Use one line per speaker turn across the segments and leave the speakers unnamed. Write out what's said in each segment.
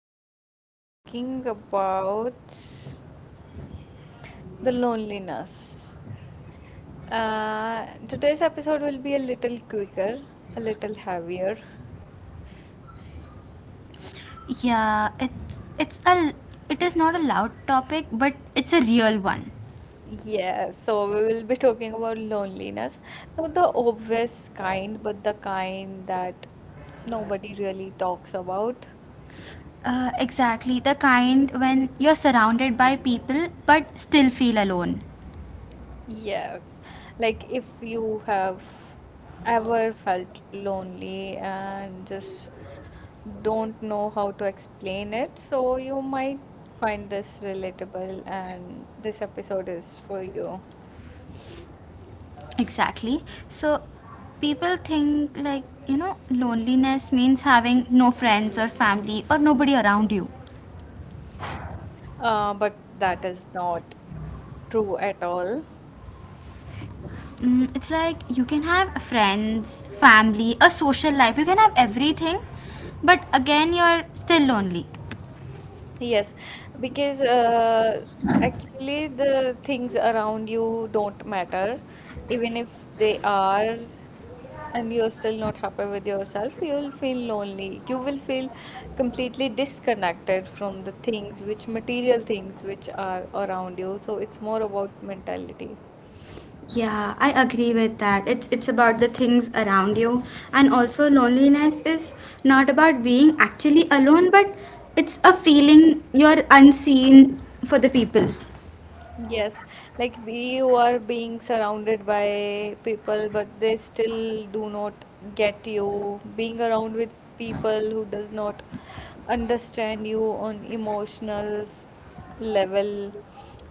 today we'll be talking about the loneliness. Today's episode will be a little quicker, a little heavier.
Yeah, it is not a loud topic, but it's a real one.
Yeah, so we will be talking about loneliness. Not the obvious kind, but the kind that nobody really talks about.
Exactly the kind when you're surrounded by people but still feel alone.
Yes, like if you have ever felt lonely and just don't know how to explain it, so you might find this relatable, and this episode is for you.
Exactly. So people think, like, you know, loneliness means having no friends or family or nobody around you.
But that is not true at all.
It's like you can have friends, family, a social life. You can have everything, but again you're still lonely.
Yes, because actually the things around you don't matter. Even if they are, and you're still not happy with yourself, you'll feel lonely. You will feel completely disconnected from the things which material things which are around you. So it's more about mentality.
Yeah, I agree with that. It's about the things around you, and also loneliness is not about being actually alone but it's a feeling you're unseen for the people.
Yes, like you are being surrounded by people, but they still do not get you. Being around with people who does not understand you on emotional level.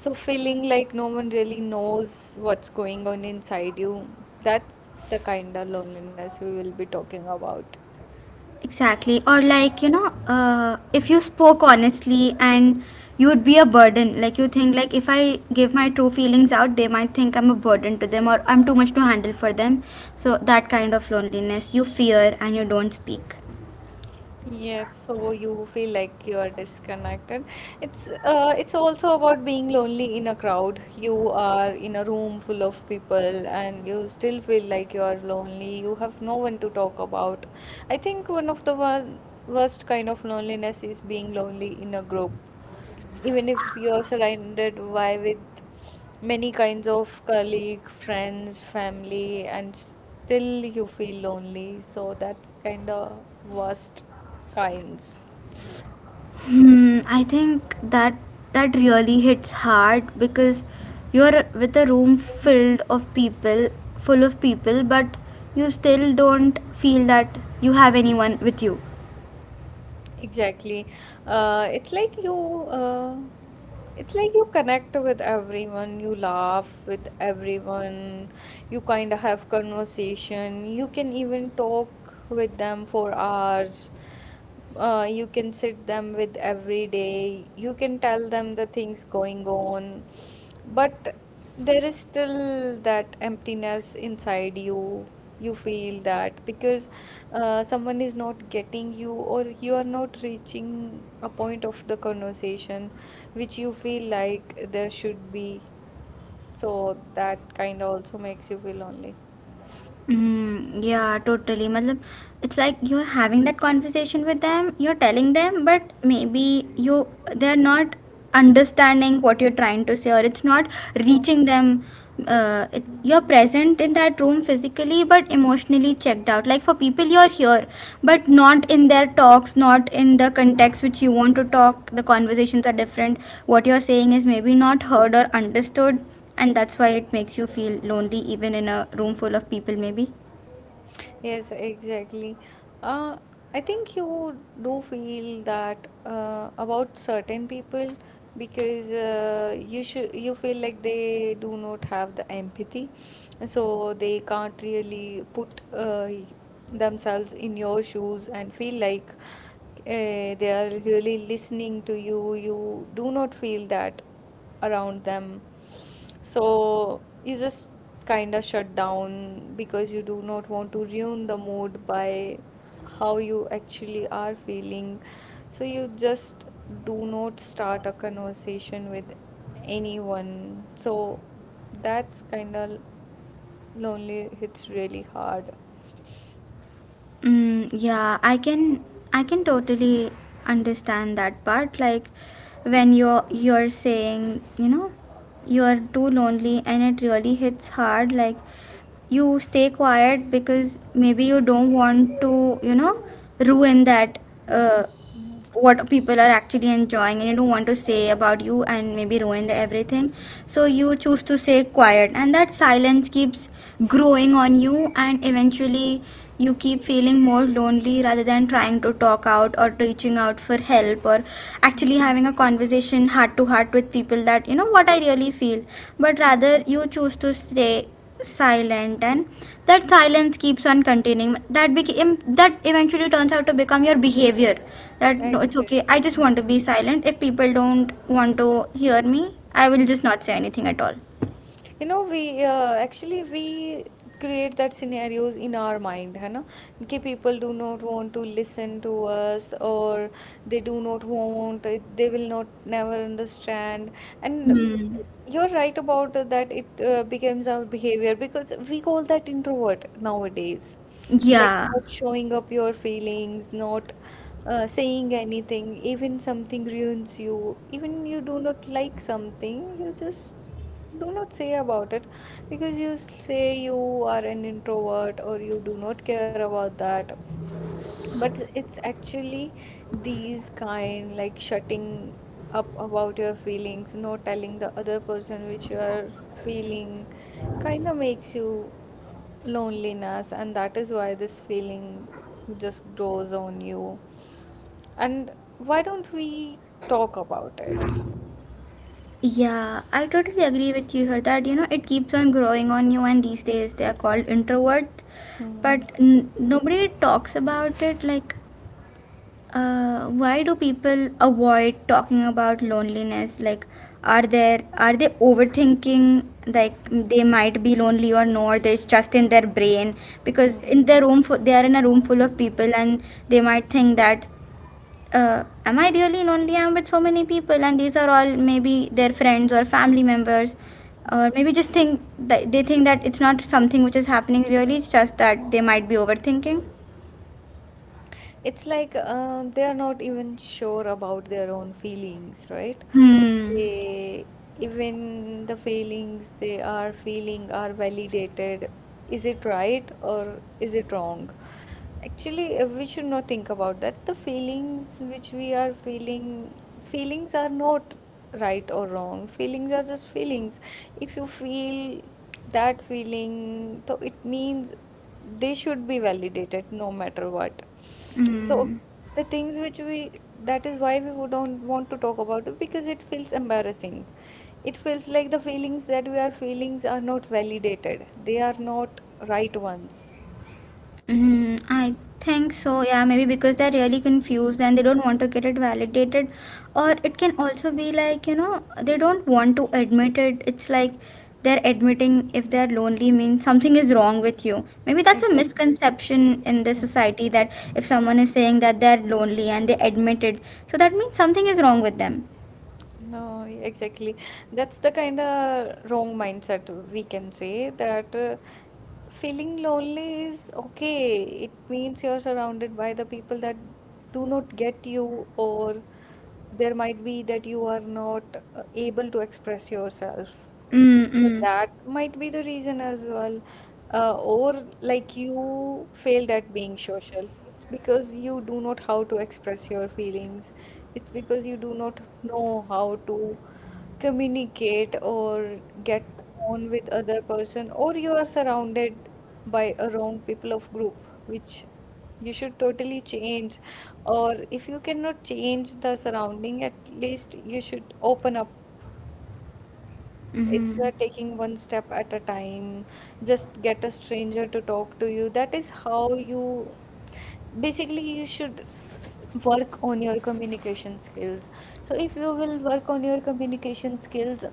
So feeling like no one really knows what's going on inside you. That's the kind of loneliness we will be talking about.
Exactly. Or, like, you know, if you spoke honestly and you would be a burden. Like, you think like if I give my true feelings out, they might think I'm a burden to them or I'm too much to handle for them. So that kind of loneliness, you fear and you don't speak.
Yes, so you feel like you are disconnected. It's also about being lonely in a crowd. You are in a room full of people and you still feel like you are lonely. You have no one to talk about. I think one of the worst kind of loneliness is being lonely in a group even if you're surrounded by with many kinds of colleague, friends, family, and still you feel lonely. So that's kind of worst kinds.
I think that really hits hard because you're with a room filled of people, full of people, but you still don't feel that you have anyone with you.
Exactly. Uh, it's like you. Uh, it's like you connect with everyone, you laugh with everyone, you kind of have conversation, you can even talk with them for hours, you can sit them with every day, you can tell them the things going on, but there is still that emptiness inside you. You feel that because someone is not getting you or you are not reaching a point of the conversation which you feel like there should be. So that kind of also makes you feel lonely.
Yeah, totally. Matlab, it's like you're having that conversation with them, you're telling them, but maybe you they're not understanding what you're trying to say, or it's not
So
reaching them. You're present in that room physically, but emotionally checked out. Like, for people, you're here, but not in their talks, not in the context which you want to talk. The conversations are different. What you're saying is maybe not heard or understood, and that's why it makes you feel lonely even in a room full of people maybe.
yes, exactly. Uh, I think you do feel that about certain people because you feel like they do not have the empathy, so they can't really put themselves in your shoes and feel like they are really listening to you. You do not feel that around them. So you just kind of shut down because you do not want to ruin the mood by how you actually are feeling. So you just do not start a conversation with anyone. So that's kind of lonely. It's really hard.
Yeah, I can totally understand that part, like when you're saying, you know, you are too lonely and it really hits hard. Like, you stay quiet because maybe you don't want to, you know, ruin that, uh, what people are actually enjoying, and you don't want to say about you and maybe ruin the everything, so you choose to say quiet and that silence keeps growing on you and eventually you keep feeling more lonely rather than trying to talk out or reaching out for help or
Mm.
actually having a conversation heart to heart with people, that, you know, what I really feel. But rather, you choose to stay silent and that silence keeps on continuing, that became that eventually turns out to become your behavior, that no, it's
Actually,
okay, I just want to be silent. If people don't want to hear me, I will just not say anything at all.
you know, we create that scenarios in our mind, है ना? कि people do not want to listen to us or they do not want, they will not never understand. And
Hmm.
you're right about that, it becomes our behavior because we call that introvert nowadays. Like
Yeah.
not showing up your feelings, not saying anything, even something ruins you, even you do not like something, you just do not say about it because you say you are an introvert or you do not care about that, but it's actually these kind like shutting up about your feelings, not telling the other person which you are feeling kind of makes you loneliness, and that is why this feeling just grows on you. And why don't we talk about it?
Yeah, I totally agree with you here that, you know, it keeps on growing on you, and these days they are called introverts,
Hmm.
but n nobody talks about it. Like, why do people avoid talking about loneliness? Like, are they overthinking? Like, they might be lonely or no? Or it's just in their brain because
hmm.
in their room, they are in a room full of people, and they might think that, am I really lonely? I'm with so many people, and these are all maybe their friends or family members, or maybe just think that they think that it's not something which is happening really. It's just that they might be overthinking.
It's like they are not even sure about their own feelings, right?
Hmm.
They, even the feelings they are feeling are validated. Is it right or is it wrong? Actually, we should not think about that. The feelings which we are feeling, feelings are not right or wrong. Feelings are just feelings. If you feel that feeling, so it means they should be validated no matter what. So
Hmm.
the things which we, that is why we would don't want to talk about it because it feels embarrassing. It feels like the feelings that we are feelings are not validated. They are not right ones.
I think so, yeah, maybe because they're really confused and they don't want to get it validated. Or it can also be like, you know, they don't want to admit it. It's like they're admitting if they're lonely means something is wrong with you. Maybe that's a
Exactly.
misconception in the society that if someone is saying that they're lonely and they admit it, so that means something is wrong with them.
No, exactly. That's the kind of wrong mindset, we can say that feeling lonely is okay. It means you're surrounded by the people that do not get you, or there might be that you are not able to express yourself. So
Mm-mm.
that might be the reason as well. Or like you failed at being social. It's because you do not how to express your feelings. It's because you do not know how to communicate or get on with other person, or you are surrounded by a wrong people of group which you should totally change. Or if you cannot change the surrounding, at least you should open up. It's
Mm-hmm.
taking one step at a time. Just get a stranger to talk to you. That is how you basically, you should work on your communication skills. So if you will work on your communication skills,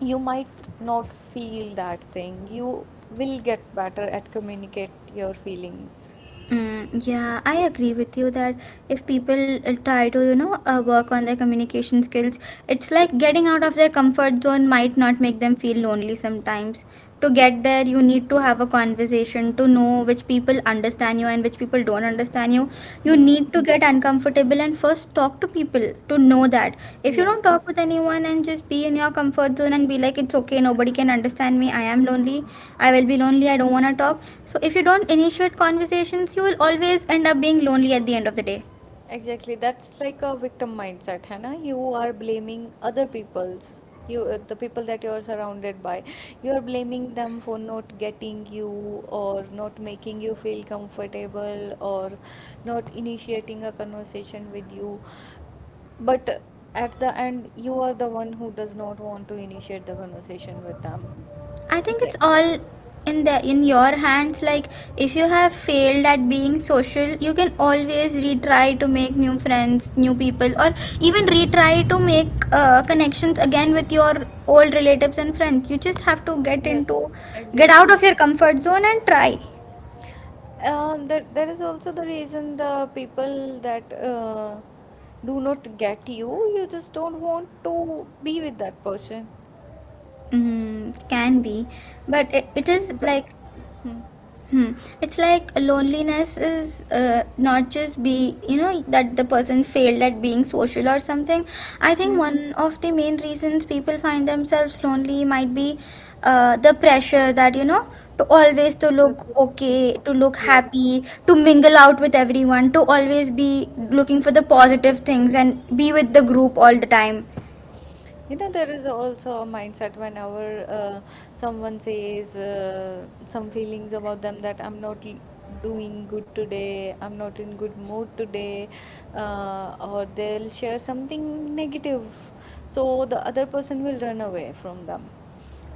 you might not feel that thing. You will get better at communicate your feelings.
Yeah, I agree with you that if people try to, you know, work on their communication skills, it's like getting out of their comfort zone might not make them feel lonely sometimes. To get there, you need to have a conversation to know which people understand you and which people don't understand you. You
Hmm.
need to get uncomfortable and first talk to people to know that if you don't
Yes.
talk with anyone and just be in your comfort zone and be like, it's okay, nobody can understand me, I am lonely, I will be lonely, I don't want to talk. So if you don't initiate conversations, you will always end up being lonely at the end of the day.
Exactly. That's like a victim mindset, है ना? You are blaming other people's, you the people that you are surrounded by. You are blaming them for not getting you or not making you feel comfortable or not initiating a conversation with you. But at the end, you are the one who does not want to initiate the conversation with them.
I think
It's
it's
actually,
all in your hands. Like, if you have failed at being social, you can always retry to make new friends, new people, or even retry to make connections again with your old relatives and friends. You just have to
yes,
get out
exactly.
of your comfort zone and try.
There, there is also the reason the people that do not get you, you just don't want to be with that person.
Can be, but it is
But
like.
Hmm.
Hmm. It's like loneliness is, not just be, you know, that the person failed at being social or something. I think
hmm.
one of the main reasons people find themselves lonely might be, the pressure that, you know, to always to
Uh,
look okay,
okay,
to look
yes.
happy, to mingle out with everyone, to always be looking for the positive things and be with the group all the time.
You know, there is also a mindset whenever someone says some feelings about them that I'm not doing good today, I'm not in good mood today, or they'll share something negative. So the other person will run away from them.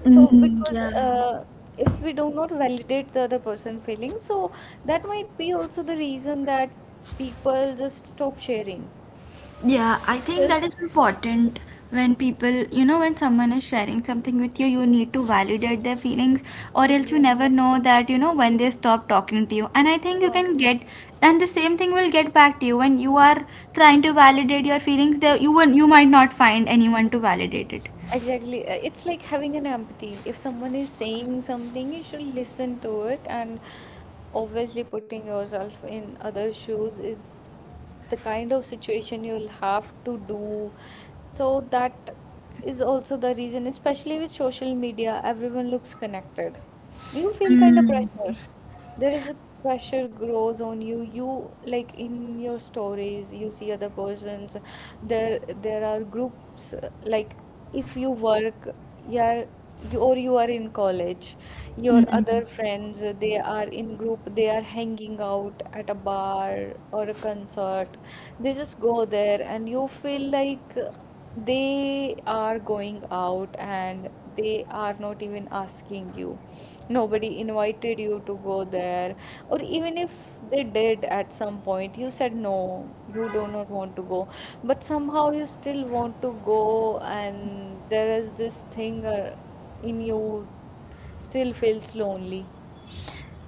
So
Mm,
because
yeah.
if we do not validate the other person feelings, so that might be also the reason that people just stop sharing
Yeah, I think that
because
is important when people, you know, when someone is sharing something with you, you need to validate their feelings, or else you
exactly.
never know that, you know, when they stop talking to you. And I think and the same thing will get back to you when you are trying to validate your feelings. There, you might not find anyone to validate it.
Exactly. It's like having an empathy. If someone is saying something, you should listen to it. And obviously, putting yourself in other shoes is the kind of situation you'll have to do. So that is also the reason, especially with social media, everyone looks connected. You feel kind of pressure. There is a pressure grows on you. You like in your stories, you see other persons. There are groups like if you work you're you or you are in college, your other friends they are in group, they are hanging out at a bar or a concert. They just go there and you feel like they are going out and they are not even asking you, nobody invited you to go there, or even if they did at some point, you said no, you do not want to go, but somehow you still want to go, and there is this thing in you still feels lonely.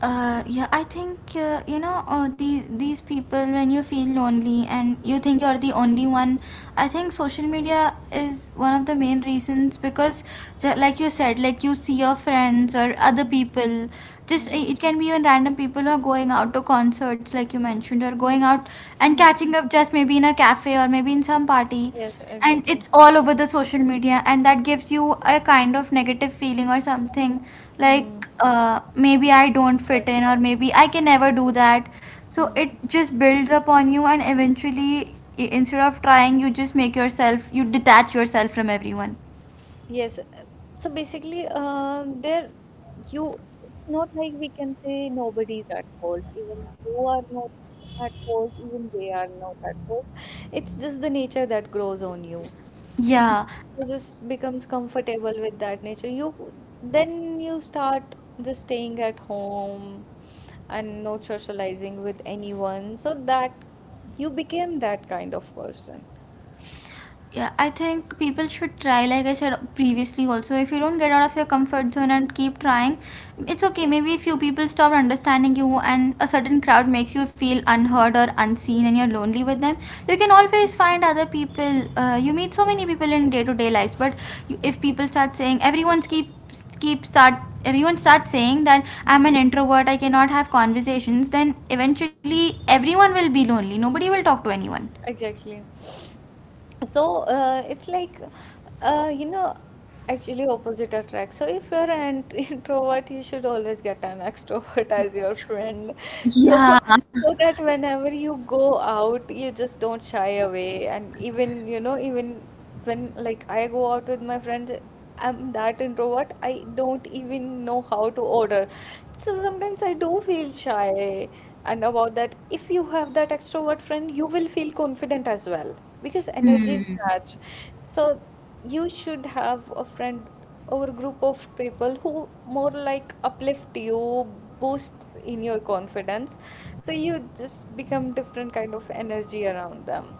Yeah, I think you know, these people when you feel lonely and you think you're the only one. I think social media is one of the main reasons because, like you said, like, you see your friends or other people. Just,
Hmm.
it can be even random people who are going out to concerts, like you mentioned, or going out and
Mm.
catching up just maybe in a cafe or maybe in some party.
Yes,
And
exactly.
it's all over the social media, and that gives you a kind of negative feeling or something
Hmm. Mm.
like, maybe I don't
But
fit in, or maybe I can never do
exactly.
that. So
Hmm.
it just builds up on you, and eventually, instead of trying, you detach yourself from everyone.
Yes. So basically, there you, it's not like we can say nobody's at fault. Even you are not at fault, even they are not at fault. It's just the nature that grows on you.
Yeah.
You just becomes comfortable with that nature. You then you start just staying at home and not socializing with anyone. So that you became that kind of person.
Yeah, I think people should try, like I said previously also. If you don't get out of your comfort zone and keep trying, it's okay. Maybe a few people stop understanding you and a certain crowd makes you feel unheard or unseen and you're lonely with them. You can always find other people. You meet so many people in day to day lives, but if people start saying, keep start everyone starts saying that I'm an
Hmm.
introvert, I cannot have conversations, then eventually everyone will be lonely, nobody will talk to anyone.
Exactly. So it's like you know, actually opposite attracts. So if you're an introvert, you should always get an extrovert as your friend. So,
Yeah,
so that whenever you go out, you just don't shy away. And even, you know, even when like I go out with my friends, I'm that introvert, I don't even know how to order. So sometimes I do feel shy. And about that, if you have that extrovert friend, you will feel confident as well because energies match. So you should have a friend our group of people who more like uplift you, boosts in your confidence. So you just become different kind of energy around them.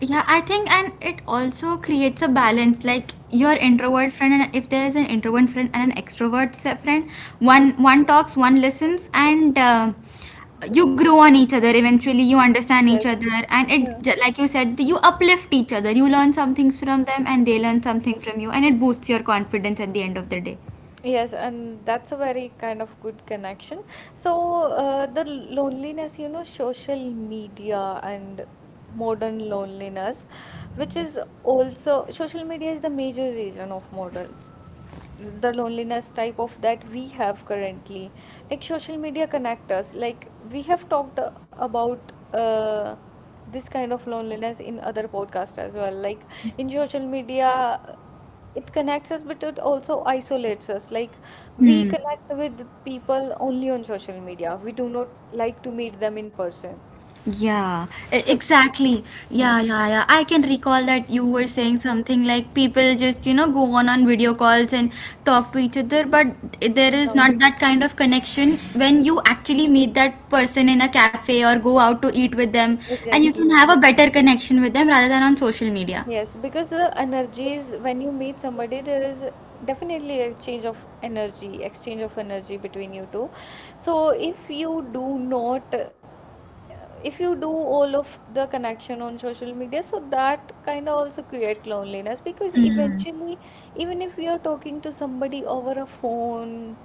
yeah, I think, and it also creates a balance, like, your introvert friend and if there is an introvert friend and an extrovert friend, one talks, one listens, and
The-
you grow on each other, eventually you understand each
yes.
other, and it,
Yeah.
like you said, you uplift each other, you learn some things from them and they learn something from you, and it boosts your confidence at the end of the day.
Yes, and that's a very kind of good connection. So, the loneliness, you know, social media and modern loneliness, which is also social media is the major reason of modern the loneliness type of that we have currently. Like social media connect us, like we have talked about this kind of loneliness in other podcasts as well. Like in social media, it connects us but it also isolates us. Like we connect with people only on social media, we do not like to meet them in person.
Yeah,
So
exactly. Yeah,
hmm.
yeah, yeah. I can recall that you were
Hmm.
saying something like people just, you know, go on video calls and talk to each other, but there is
No,
not that kind of connection when you actually meet that person in a cafe or go out to eat with them, and you
exactly.
can have a better connection with them rather than on social media.
Yes, because the energies, when you meet somebody, there is definitely a change of energy, exchange of energy between you two. So if you do not, if you do all of the connection on social media, so that kind of also create loneliness because eventually, even if you are talking to somebody over a phone,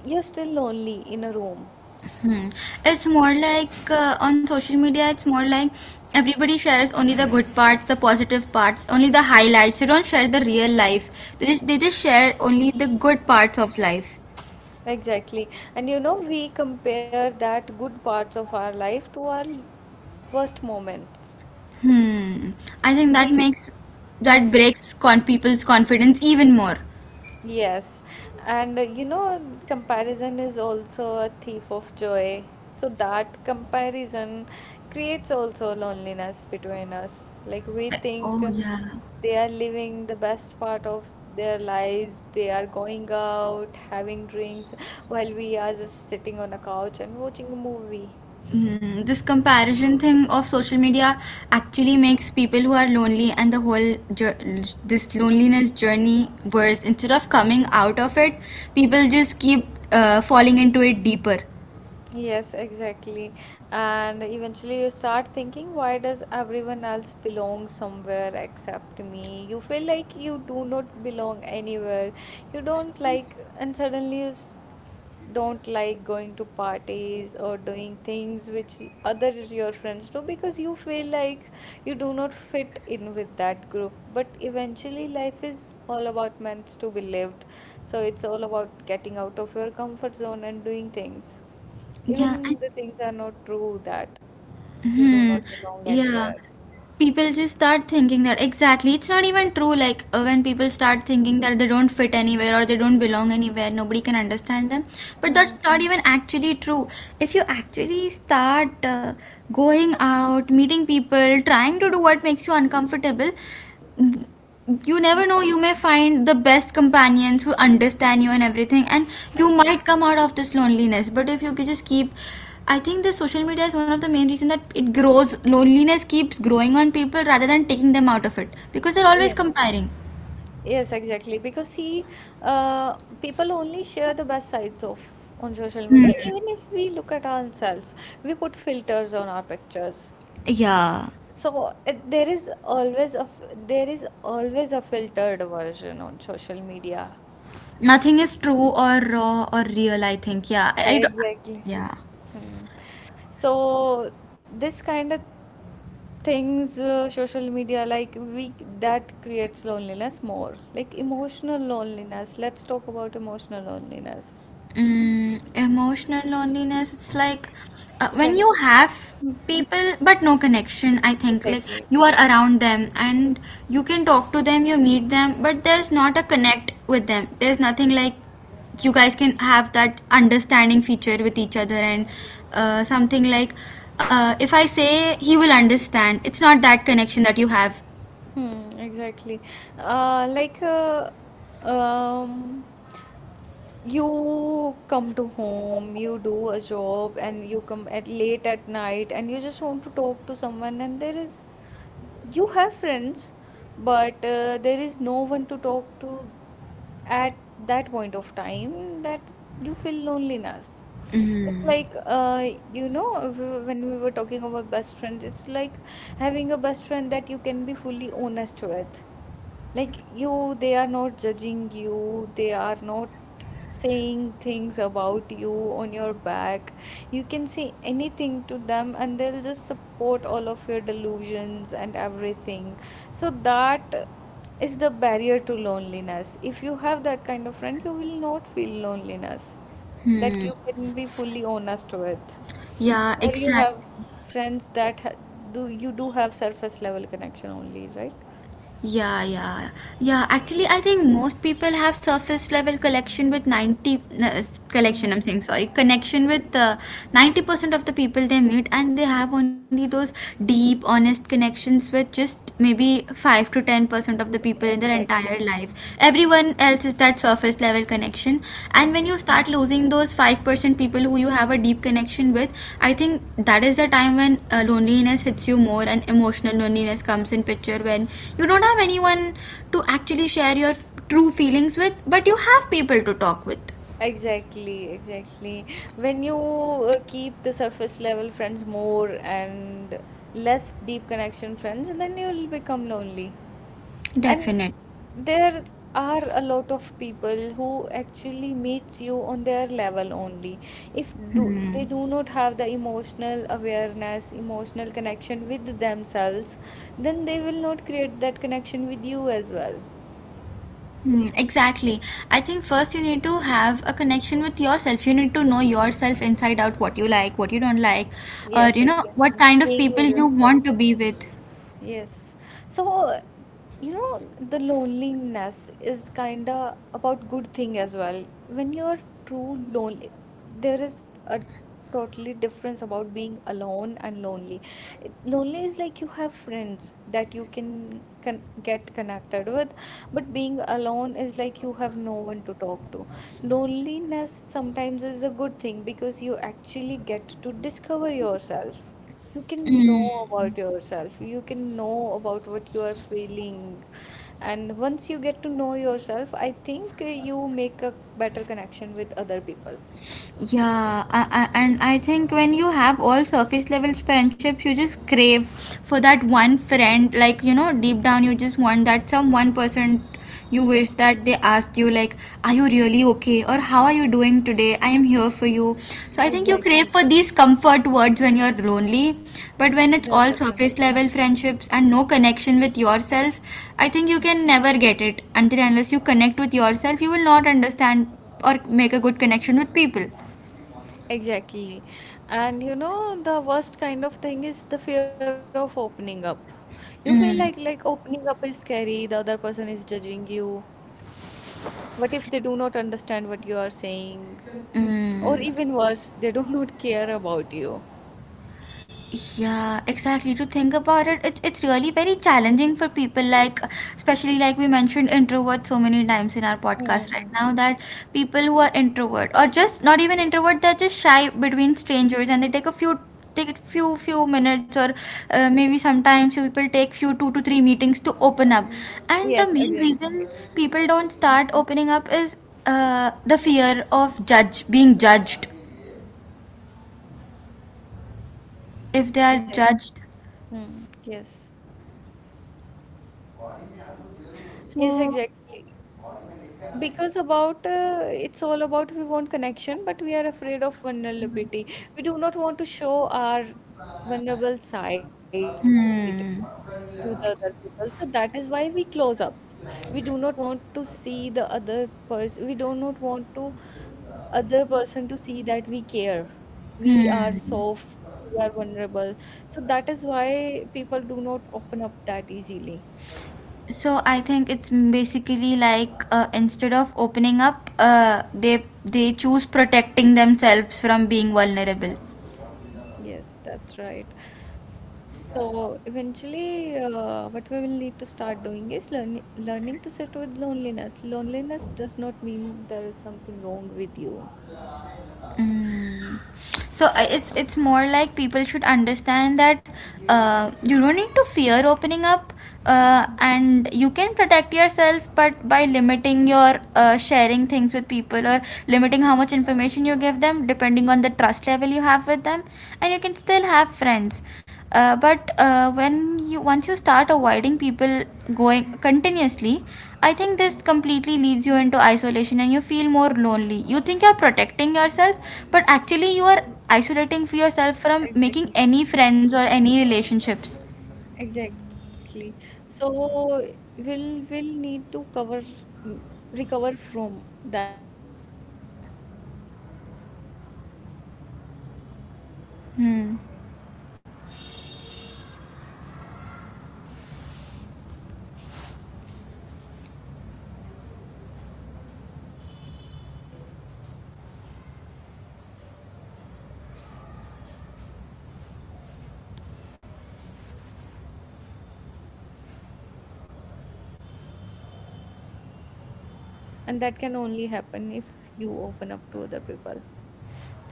you're still lonely in a room.
Hmm. It's more like, on social media, it's more like everybody shares only the good parts, the positive parts, only the highlights. They don't share the real life. They just share only the good parts of life.
Exactly. And you know, we compare that good parts of our life to our worst moments.
Hmm. I think
We,
that
mm,
breaks con people's confidence even more.
yes, and you know, comparison is also a thief of joy. So that comparison creates also loneliness between us. Like we
Oh
think
yeah.
they are living the best part of their lives, they are going out, having drinks, while we are just sitting on a couch and watching a movie.
This comparison thing of social media actually makes people who are lonely and this loneliness journey worse. Instead of coming out of it, people just keep falling into it deeper.
Yes, exactly. And eventually you start thinking, why does everyone else belong somewhere except me? You feel like you do not belong anywhere. You don't like, and suddenly don't like going to parties or doing things which other your friends do because you feel like you do not fit in with that group. But eventually life is all about meant to be lived. So it's all about getting out of your comfort zone and doing things.
Yeah.
Even the things are not true that you do
Hmm.
not belong
Yeah.
anywhere.
People just start thinking that, exactly. It's not even true. Like, when people start thinking that they don't fit anywhere or they don't belong anywhere, nobody can understand them. But that's
Hmm.
not even actually true. If you actually start going out, meeting people, trying to do what makes you uncomfortable, you
Hmm.
never know, you may find the best companions who understand you and everything, and you might
Exactly.
come out of this loneliness. But if you could just keep, I think the social media is one of the main reason that it grows, loneliness keeps growing on people rather than taking them out of it, because they're always
Yes,
comparing.
yes, exactly. Because see, people only share the best sides of on social media. Even if we look at ourselves, we put filters on our pictures.
Yeah.
So there is always a filtered version on social media.
Nothing is true or raw or real, I think. Yeah, I don't.
Exactly.
Yeah.
Hmm. So this kind of things social media like we that creates loneliness, more like emotional loneliness. Let's talk about emotional loneliness.
Mm, emotional loneliness, it's like when
When
you have people but no connection, I think. Like,
exactly?
you are around them and you can talk to them, you meet them, but there's not a connect with them. There's nothing like you guys
Mm.
can have that understanding feature with each other, and something like, if I say he will understand, it's not that connection that you have.
Hmm, exactly. Like um you come to home, you do a job and you come at late at night and you just want to talk to someone, and there is, you have friends, but there is no one to talk to at that point of time, that you feel loneliness. It's
Hmm.
like, you know, when we were talking about best friends, it's like having a best friend that you can be fully honest with. Like you, they are not judging you, they are not saying things about you on your back. You can say anything to them and they'll just support all of your delusions and everything. So that is the barrier to loneliness. If you have that kind of friend, you will not feel loneliness, that you can be fully honest with.
Yeah,
Or you
exactly.
have friends that ha do you do have surface level connection only, right?
Yeah, yeah, yeah. Actually, I think most people have surface level collection with 90 collection. I'm saying sorry, connection with 90% of the people they meet, and they have only those deep, honest connections with just maybe 5 to 10% of the people in their
Exactly.
entire life. Everyone one else is that surface level connection, and
Mhm.
when you start losing those 5% people who you have a deep connection with, I think that is the time when loneliness hits you more, and emotional loneliness comes in picture when you don't have anyone to actually share your true feelings with, but you have people to talk with.
Exactly, exactly. When you keep the surface level friends more and less deep connection friends, then you'll become lonely. And
Definite.
there are a lot of people who actually meets you on their level only. If do they
Hmm.
do not have the emotional awareness, emotional connection with themselves, then they will not create that connection with you as well.
Hmm, exactly. I think first you need to have a connection with yourself. You need to know yourself inside out, what you like, what you don't like, or
Yes,
you know what
exactly.
kind of
Being
people
with
you
yourself.
want to be with.
Yes. So, you know, the loneliness is kind of about good thing as well. When you're true lonely, there is a totally difference about being alone and lonely. Lonely is like you have friends that you can get connected with, but being alone is like you have no one to talk to. Loneliness sometimes is a good thing because you actually get to discover yourself. You can know about yourself. You can know about what you are feeling. And once you get to know yourself, I think you make a better connection with other people.
Yeah, and I think when you have all surface level friendships, you just crave for that one friend. Like, you know, deep down, you just want that some one person. You wish that they asked you, like, are you really okay? Or how are you doing today? I am here for you. So, I think you crave
Exactly.
for these comfort words when you're lonely. But when it's
Rather
all
than
surface level friendships and no connection with yourself, I think you can never get it. Until unless you connect with yourself, you will not understand or make a good connection with people.
exactly. And you know, the worst kind of thing is the fear of opening up. You feel like opening up is scary, the other person is judging you. What if they do not understand what you are saying? Or
Mm,
even worse, they do not care about you.
yeah, exactly. To think about it, it's really very challenging for people, like, especially like we mentioned introverts so many times in our podcast right now,
Mm.
that people who are introvert or just not even introvert, they're just shy between strangers, and they take a few, take it few minutes, or maybe sometimes you people take few 2 to 3 meetings to open up. And the
Yes,
main
exactly.
reason people don't start opening up is the fear of judge being judged, if they are
Exactly.
judged.
Hmm. Yes. Yes,
So,
exactly. Because about it's all about we want connection, but we are afraid of vulnerability. We do not want to show our vulnerable side to
hmm,
the other people. So that is why we close up. We do not want to see the other person. We do not want to other person to see that we care. We are
hmm.
soft. We are vulnerable. So that is why people do not open up that easily.
So I think it's basically like, instead of opening up, they choose protecting themselves from being vulnerable.
Yes, that's right. So eventually, what we will need to start doing is learning to sit with loneliness. Loneliness does not mean there is something wrong with you.
Mm. So it's more like people should understand that you don't need to fear opening up, and
Mm,
you can protect yourself, but by limiting your sharing things with people, or limiting how much information you give them, depending on the trust level you have with them, and you can still have friends, but when you once you start avoiding people, going
mm,
continuously, I think this
mm.
completely leads you into isolation, and you feel more lonely. You think you're protecting yourself, but actually you are
Mhm.
isolating for yourself from making any
Exactly,
friends or any relationships.
exactly. So we'll will need to recover from that trauma or that things which are mind things, and stop
Hmm.
overthinking about things. So it's, it forces you to listen inward, the why exactly. If you will sit with yourself, you will learn a more about yourself, so that is why you can make great friends, and that can only happen if you open up to other people.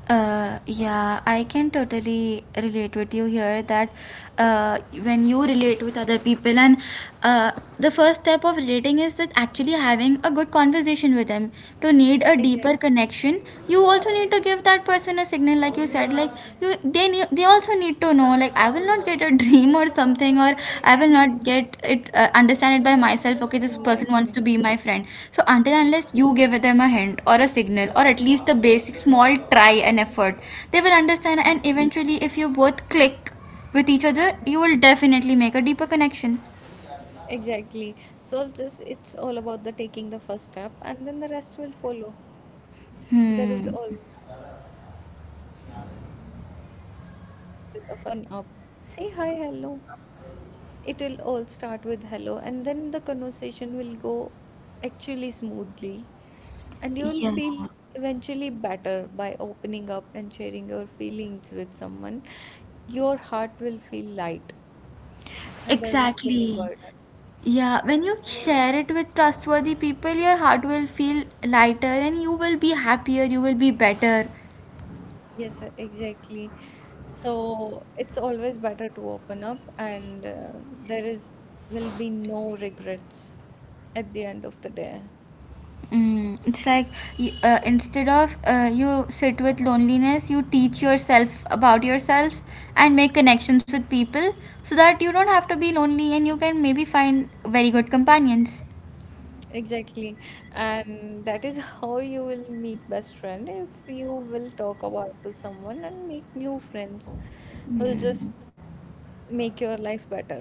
Yeah, I can totally relate with you here, that when you relate with other people, and uh, the first step of relating is that actually having a good conversation with them. To need a deeper
Exactly,
connection, you also need to give that person a signal, like you said, like you they need. They also need to know, like, I will not get a dream or something, or I will not get it, understand it by myself, okay, this person wants to
exactly.
be my friend. So until
Yeah.
unless you give them a hint or a signal, or at least the basic small try and effort, they will understand, and eventually if you both click with each other, you will definitely make a deeper connection.
Exactly. So just it's all about the taking the first step, and then the rest will follow. There is
Hmm.
always a first step hard. You'll just have to open up, say hi, hello. It will all start with hello, and then the conversation will go actually smoothly, and you'll
Yeah,
feel eventually better by opening up and sharing your feelings with someone. Your heart will feel light, and there won't be any
exactly.
burden.
Yeah, when you share it with trustworthy people, your heart will feel lighter, and you will be happier, you will be better.
Yes, exactly. So it's always better to open up, and there is will be no regrets at the end of the day.
Mm, it's like, instead of you sit with loneliness, you teach yourself about yourself, and make connections with people, so that you don't have to be lonely, and you can maybe find very good companions.
Exactly. And that is how you will meet best friend if you will talk about to someone and make new friends who'll
Mm.
just make your life better.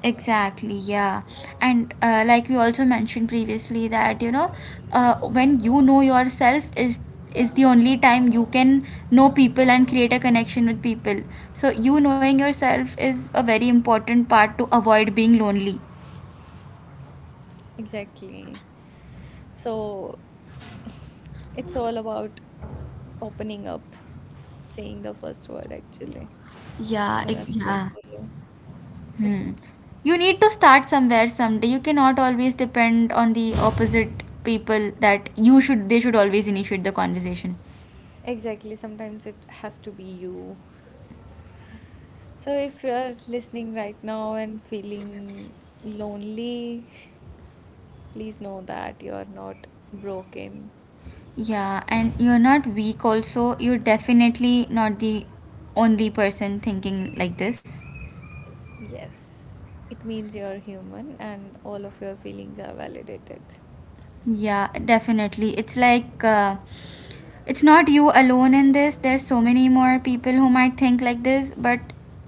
Exactly, yeah. And like we also mentioned previously, that you know, when you know yourself is the only time you can know people and create a connection with people. So you knowing yourself is a very important part to avoid being lonely.
Exactly. So it's all about opening up, saying the first word actually, and the rest
Yeah,
will follow.
yeah. Hmm. You need to start somewhere someday. You cannot always depend on the opposite people, that you should they should always initiate the conversation.
Exactly, sometimes it has to be you. So if you're listening right now and feeling lonely, please know that you're not broken.
Yeah, and you're not weak also. You're definitely not the only person thinking like this.
Yes, it means you're human and all of your feelings are validated.
Yeah, definitely. It's like, it's not you alone in this, there's so many more people who might think like this. But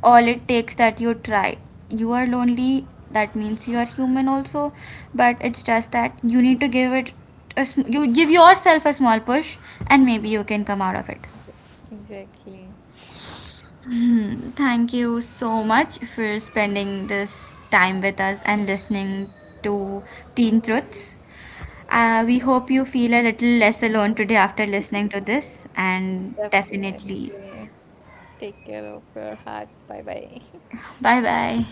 all it takes that you try. You are lonely, that means you are human also. But it's just that you need to give it you give yourself a small push, and maybe you can come out of it.
Yeah, exactly.
Hmm, thank you so much for spending this time with us, and listening to teen truths. We hope you feel a little less alone today after listening to this, and definitely
Definitely. Take care of your heart. Bye bye.
bye bye.